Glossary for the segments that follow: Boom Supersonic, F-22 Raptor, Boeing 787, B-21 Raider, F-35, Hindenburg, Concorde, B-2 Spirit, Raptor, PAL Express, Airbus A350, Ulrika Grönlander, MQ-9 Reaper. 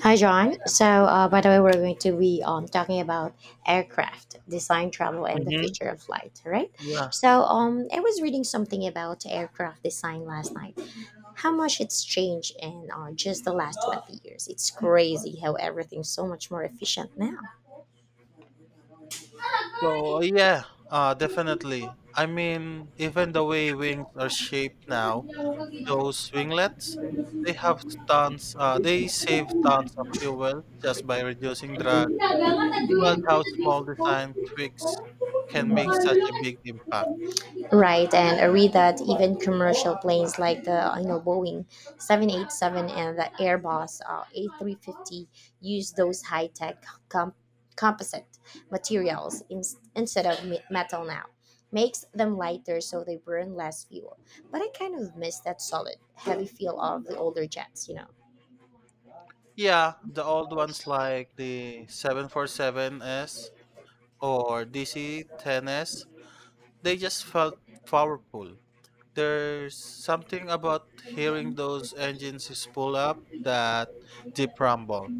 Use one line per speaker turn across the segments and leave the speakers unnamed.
Hi, John. By the way, we're going to be talking about aircraft design, travel, and the
Mhm.
future of flight, right?
Yeah.
I was reading something about aircraft design last night. How much it's changed in just the last 20 years. It's crazy how everything's so much more efficient now.
So, yeah, definitely. I mean, even the way wings are shaped now, those winglets, they have tons. They save tons of fuel just by reducing drag. It's wild how small design tweaks can make such a big impact.
Right, and I read that even commercial planes like the I know Boeing 787 and the Airbus A350 use those high-tech composite materials instead of metal now. Makes them lighter so they burn less fuel. But I kind of miss that solid, heavy feel of the older jets.
Yeah, the old ones like the 747s or DC-10s, they just felt powerful. There's something about hearing those engines is pull up that deep rumble.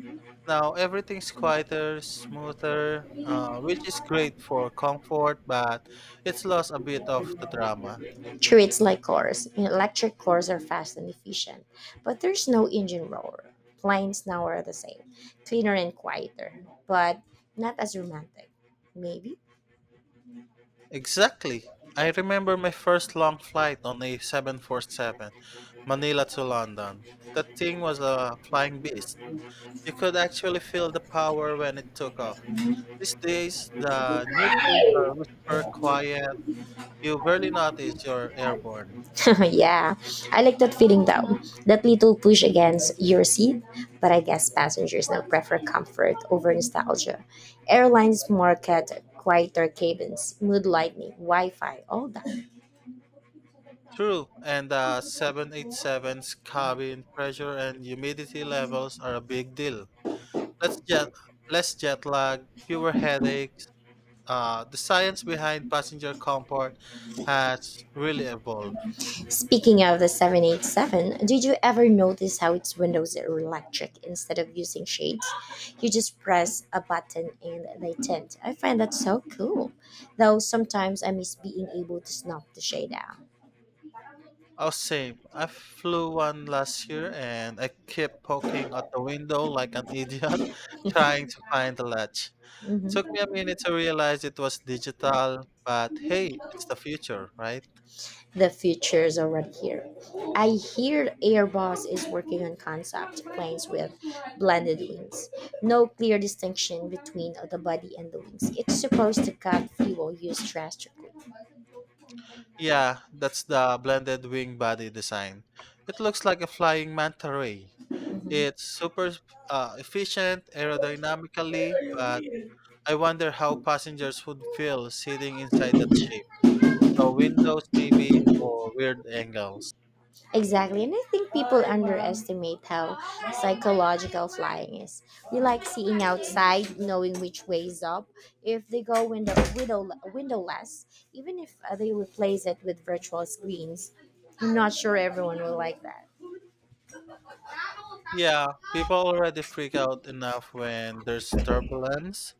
Now everything's quieter, smoother, which is great for comfort, but it's lost a bit of the drama.
Treats like cars. Electric cars are fast and efficient, but there's no engine roar. Planes now are the same, cleaner and quieter, but not as romantic. Maybe?
Exactly. I remember my first long flight on a 747, Manila to London. That thing was a flying beast. You could actually feel the power when it took off. These days, the new planes are whisper quiet. You barely notice you're airborne.
Yeah, I like that feeling though. That little push against your seat, but I guess passengers now prefer comfort over nostalgia. Airlines market quieter cabins, mood lighting, Wi Fi, all that.
True, and the 787's cabin pressure and humidity levels are a big deal. Less jet, less jet lag, fewer headaches. The science behind passenger comfort has really evolved.
Speaking of the 787, did you ever notice how its windows are electric instead of using shades? You just press a button and they tint. I find that so cool. Though sometimes I miss being able to snuff the shade out.
Oh, same. I flew one last year and I kept poking at the window like an idiot, trying to find the latch. Took
Mhm.
me a minute to realize it was digital, but hey, it's the future, right?
The future is already here. I hear Airbus is working on concept planes with blended wings. No clear distinction between the body and the wings. It's supposed to cut fuel use drastically.
Yeah, that's the blended wing body design. It looks like a flying manta ray.
Mhm.
It's super efficient aerodynamically, but I wonder how passengers would feel sitting inside that shape. No windows, maybe, or weird angles.
Exactly, and I think people underestimate how psychological flying is. We like seeing outside, knowing which way is up, if they go window, windowless, even if they replace it with virtual screens. I'm not sure everyone will like that.
Yeah, people already freak out enough when there's turbulence.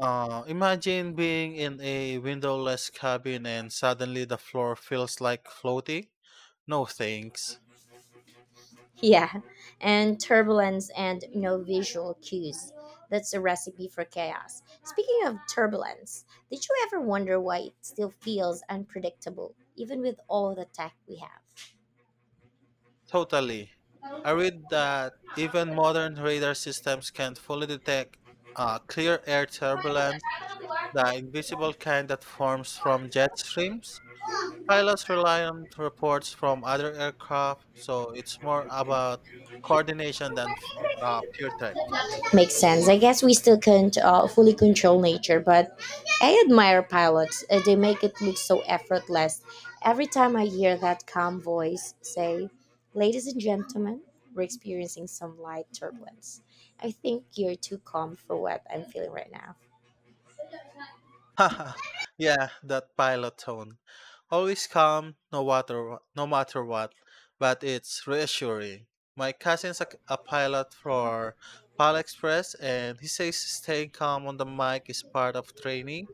Imagine being in a windowless cabin and suddenly the floor feels like floating. No thanks.
Yeah, and turbulence and no visual cues. That's a recipe for chaos. Speaking of turbulence, did you ever wonder why it still feels unpredictable, even with all the tech we have?
Totally. I read that even modern radar systems can't fully detect clear air turbulence, the invisible kind that forms from jet streams. Pilots rely on reports from other aircraft, so it's more about coordination than pure tech.
Makes sense. I guess we still can't fully control nature, but I admire pilots. They make it look so effortless. Every time I hear that calm voice say, "Ladies and gentlemen, we're experiencing some light turbulence," I think, you're too calm for what I'm feeling right now.
Haha. Yeah, that pilot tone. Always calm, no matter what, but it's reassuring. My cousin's a pilot for PAL Express, and he says staying calm on the mic is part of training.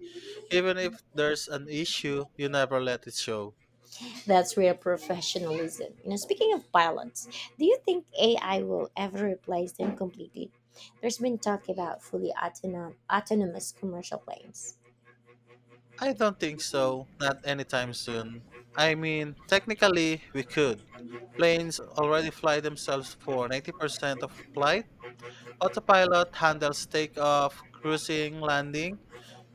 Even if there's an issue, you never let it show.
That's real professionalism. You know, speaking of pilots, do you think AI will ever replace them completely? There's been talk about fully autonomous commercial planes.
I don't think so. Not anytime soon. I mean, technically, we could. Planes already fly themselves for 90% of flights. Autopilot handles takeoff, cruising, landing,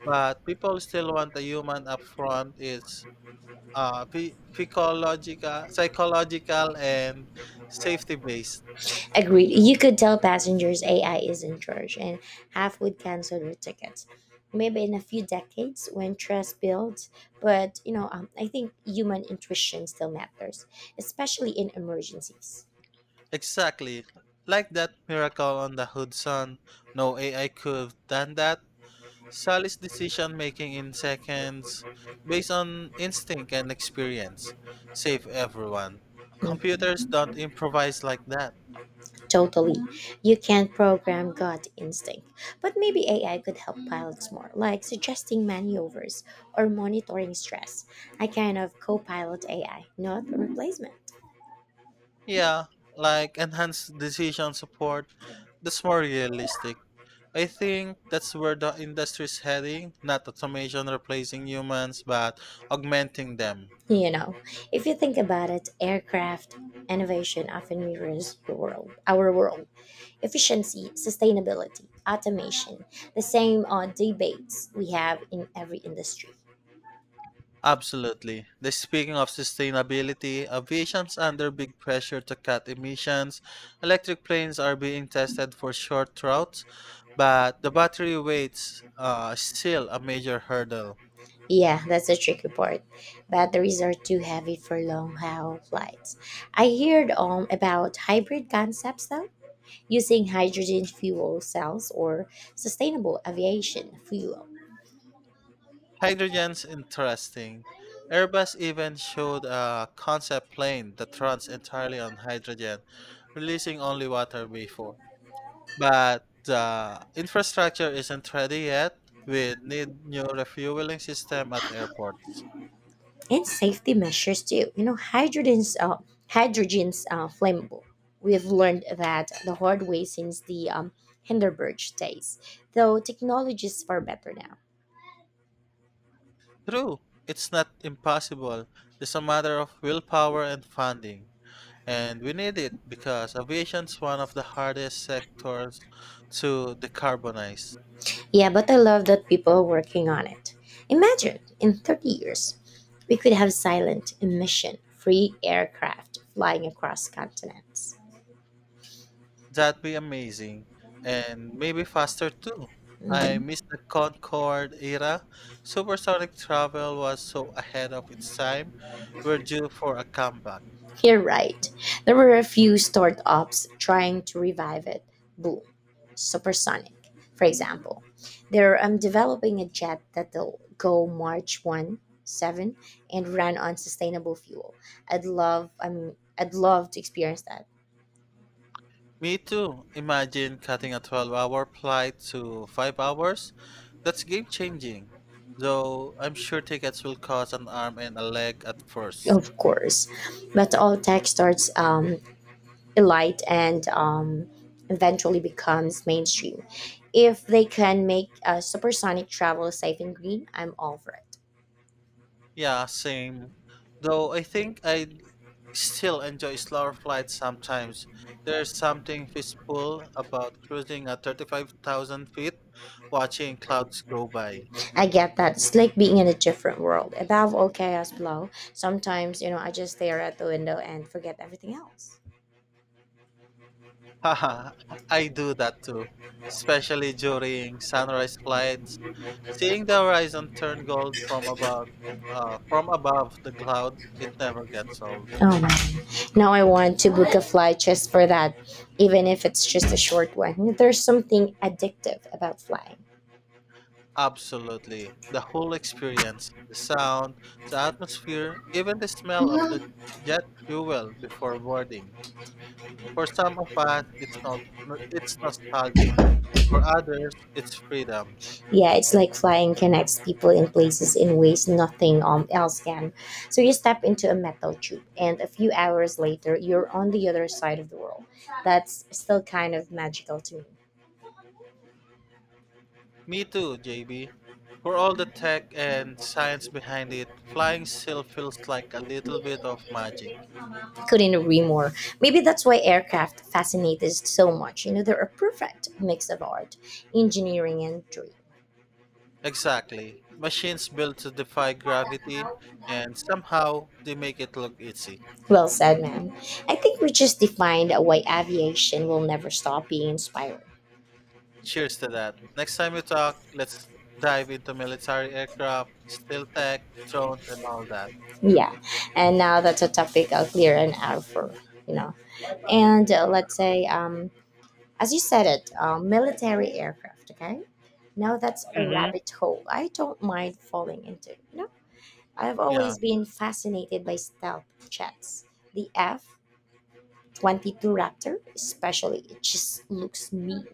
but people still want a human up front. It's phycological, psychological, and safety based.
Agreed. You could tell passengers AI is in charge, and half would cancel their tickets. Maybe in a few decades when trust builds, but I think human intuition still matters, especially in emergencies.
Exactly. Like that miracle on the hood son. No AI could have done that. Sally's decision making in seconds based on instinct and experience. Save everyone.
Hmm.
Computers don't improvise like that.
Totally. You can't program gut instinct, but maybe AI could help pilots more, like suggesting maneuvers or monitoring stress. I kind of co pilot AI, not a replacement.
Yeah, like enhanced decision support. That's more realistic. I think that's where the industry's heading, not automation replacing humans, but augmenting them.
You know, if you think about it, aircraft innovation often mirrors the world, our world. Efficiency, sustainability, automation, the same debates we have in every industry.
Absolutely. Speaking of sustainability, aviation's under big pressure to cut emissions. Electric planes are being tested for short routes, but the battery weight's still a major hurdle.
Yeah, that's the tricky part. Batteries are too heavy for long haul flights. I heard about hybrid concepts though, using hydrogen fuel cells or sustainable aviation fuel,
Hydrogen's interesting. Airbus even showed a concept plane that runs entirely on hydrogen, releasing only water before. But the infrastructure isn't ready yet. We need new refueling system at airports.
and safety measures too. You know, hydrogen's flammable. We've learned that the hard way since the Hindenburg days, though technologies far better now.
True, it's not impossible. It's a matter of willpower and funding. And we need it because aviation's one of the hardest sectors to decarbonize.
Yeah, but I love that people are working on it. Imagine in 30 years, we could have silent emission free aircraft flying across continents.
That'd be amazing. And maybe faster too. I
Mhm.
miss the Concorde era. Supersonic travel was so ahead of its time. We're due for a comeback.
You're right. There were a few startups trying to revive it. Boom. Supersonic, for example. They're developing a jet that'll go March 1, 7 and run on sustainable fuel. I'd love to experience that.
Me too. Imagine cutting a 12-hour flight to 5 hours. That's game changing. Though I'm sure tickets will cost an arm and a leg at first.
Of course. But all tech starts light and eventually becomes mainstream. If they can make supersonic travel safe and green, I'm all for it.
Yeah, same. Though I think I still enjoy slower flights sometimes. There's something peaceful about cruising at 35,000 feet, watching clouds go by.
I get that. It's like being in a different world. Above all chaos below. Sometimes, you know, I just stare at the window and forget everything else.
Haha, I do that too, especially during sunrise flights. Seeing the horizon turn gold from above the clouds, it never gets old.
Oh man. Now I want to book a flight just for that, even if it's just a short one. There's something addictive about flying.
Absolutely. The whole experience, the sound, the atmosphere, even the smell of the jet fuel before boarding. For some of us, it's not no, it's nostalgic. For others, it's freedom.
Yeah, it's like flying connects people in places in ways nothing else can. So you step into a metal tube, and a few hours later, you're on the other side of the world. That's still kind of magical to
Me too, JB. For all the tech and science behind it, flying still feels like a little bit of
me.
magic.
Couldn't agree more. Maybe that's why aircraft fascinate us so much. You know, they're a perfect mix of art, engineering, and dream.
Exactly. Machines built to defy gravity and somehow they make it look easy.
Well said, man. I think we just defined why aviation will never stop being inspiring.
Cheers to that. Next time we talk, let's dive into military aircraft, steel tech, drones, and all that.
Yeah, and now that's a topic clear and out for you know, and let's say as you said it, military aircraft. Okay, now that's a
Hmm.
rabbit hole I don't mind falling into, you know. I've
Yeah.
always been fascinated by stealth jets, the F 22 Raptor especially. It just looks me.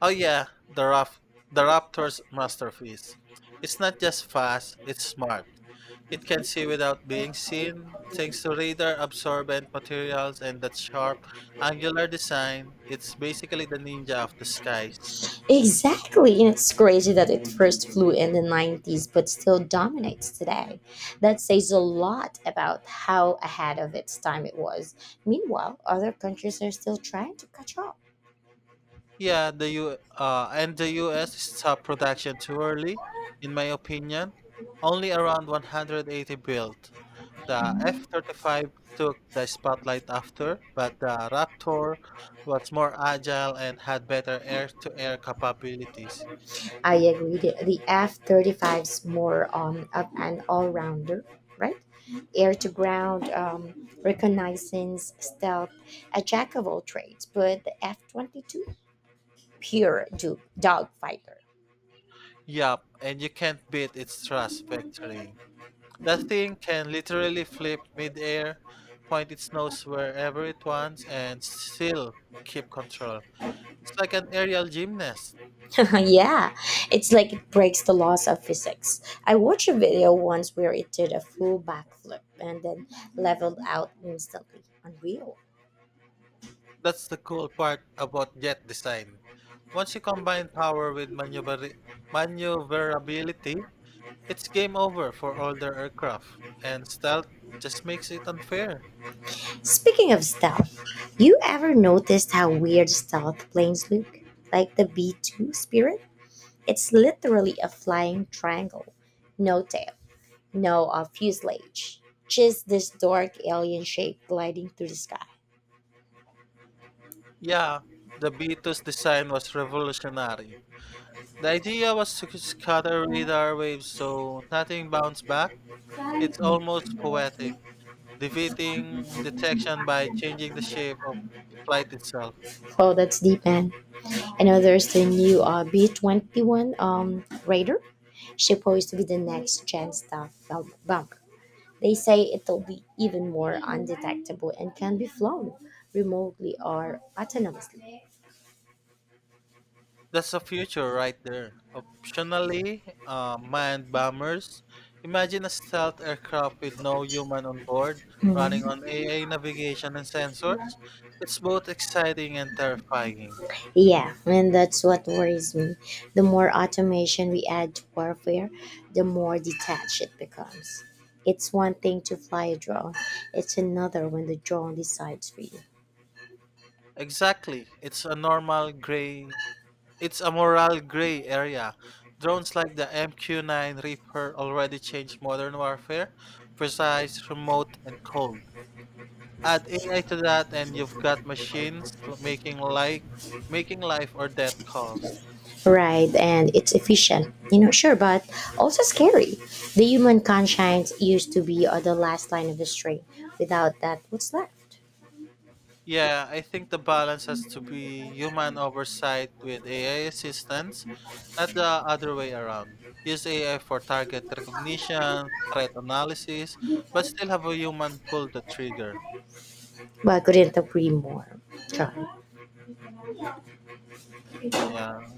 Oh yeah, the the Raptor's masterpiece. It's not just fast, it's smart. It can see without being seen, thanks to radar absorbent materials and that sharp angular design. It's basically the ninja of the skies.
Exactly, and it's crazy that it first flew in the 90s but still dominates today. That says a lot about how ahead of its time it was. Meanwhile, other countries are still trying to catch up.
Yeah, the U and the US stopped production too early, in my opinion. Only around 180 built. The F-35 took the spotlight after, but the Raptor was more agile and had better air-to-air capabilities.
I agree, the F 35's more of an all rounder, right? Air to ground, reconnaissance, stealth, a jack of all trades, but the F 22, pure dog fighter.
Yup, and you can't beat its thrust vectoring. That thing can literally flip mid-air, point its nose wherever it wants, and still keep control. It's like an aerial gymnast.
Yeah, it's like it breaks the laws of physics. I watched a video once where it did a full backflip and then leveled out instantly. Unreal.
That's the cool part about jet design. Once you combine power with maneuverability, it's game over for older aircraft, and stealth just makes it unfair.
Speaking of stealth, you ever noticed how weird stealth planes look? Like the B 2 Spirit? It's literally a flying triangle. No tail, no fuselage. Just this dark alien shape gliding through the sky.
Yeah, the B2's design was revolutionary. The idea was to scatter radar waves so nothing bounced back. It's almost poetic, defeating detection by changing the shape of flight itself.
Oh, that's deep, man. I know there's the new B 21 Raider. Supposed to be the next gen stuff bump. They say it'll be even more undetectable and can be flown remotely or autonomously.
That's the future right there. Optionally, manned bombers. Imagine a stealth aircraft with no human on board, running
Hmm.
on AI navigation and sensors. It's both exciting and terrifying.
Yeah, and that's what worries me. The more automation we add to warfare, the more detached it becomes. It's one thing to fly a drone, it's another when the drone decides for you.
Exactly. It's a normal gray. It's a moral gray area. Drones like the MQ-9 Reaper already changed modern warfare, precise, remote, and cold. Add AI to that and you've got machines making life or death calls.
Right, and it's efficient, you know, sure, but also scary. The human conscience used to be the last line of the string. Without that, what's left?
Yeah, I think the balance has to be human oversight with AI assistance, not the other way around. Use AI for target recognition, threat analysis, but still have a human pull the trigger.
But I couldn't agree more, John.
Yeah.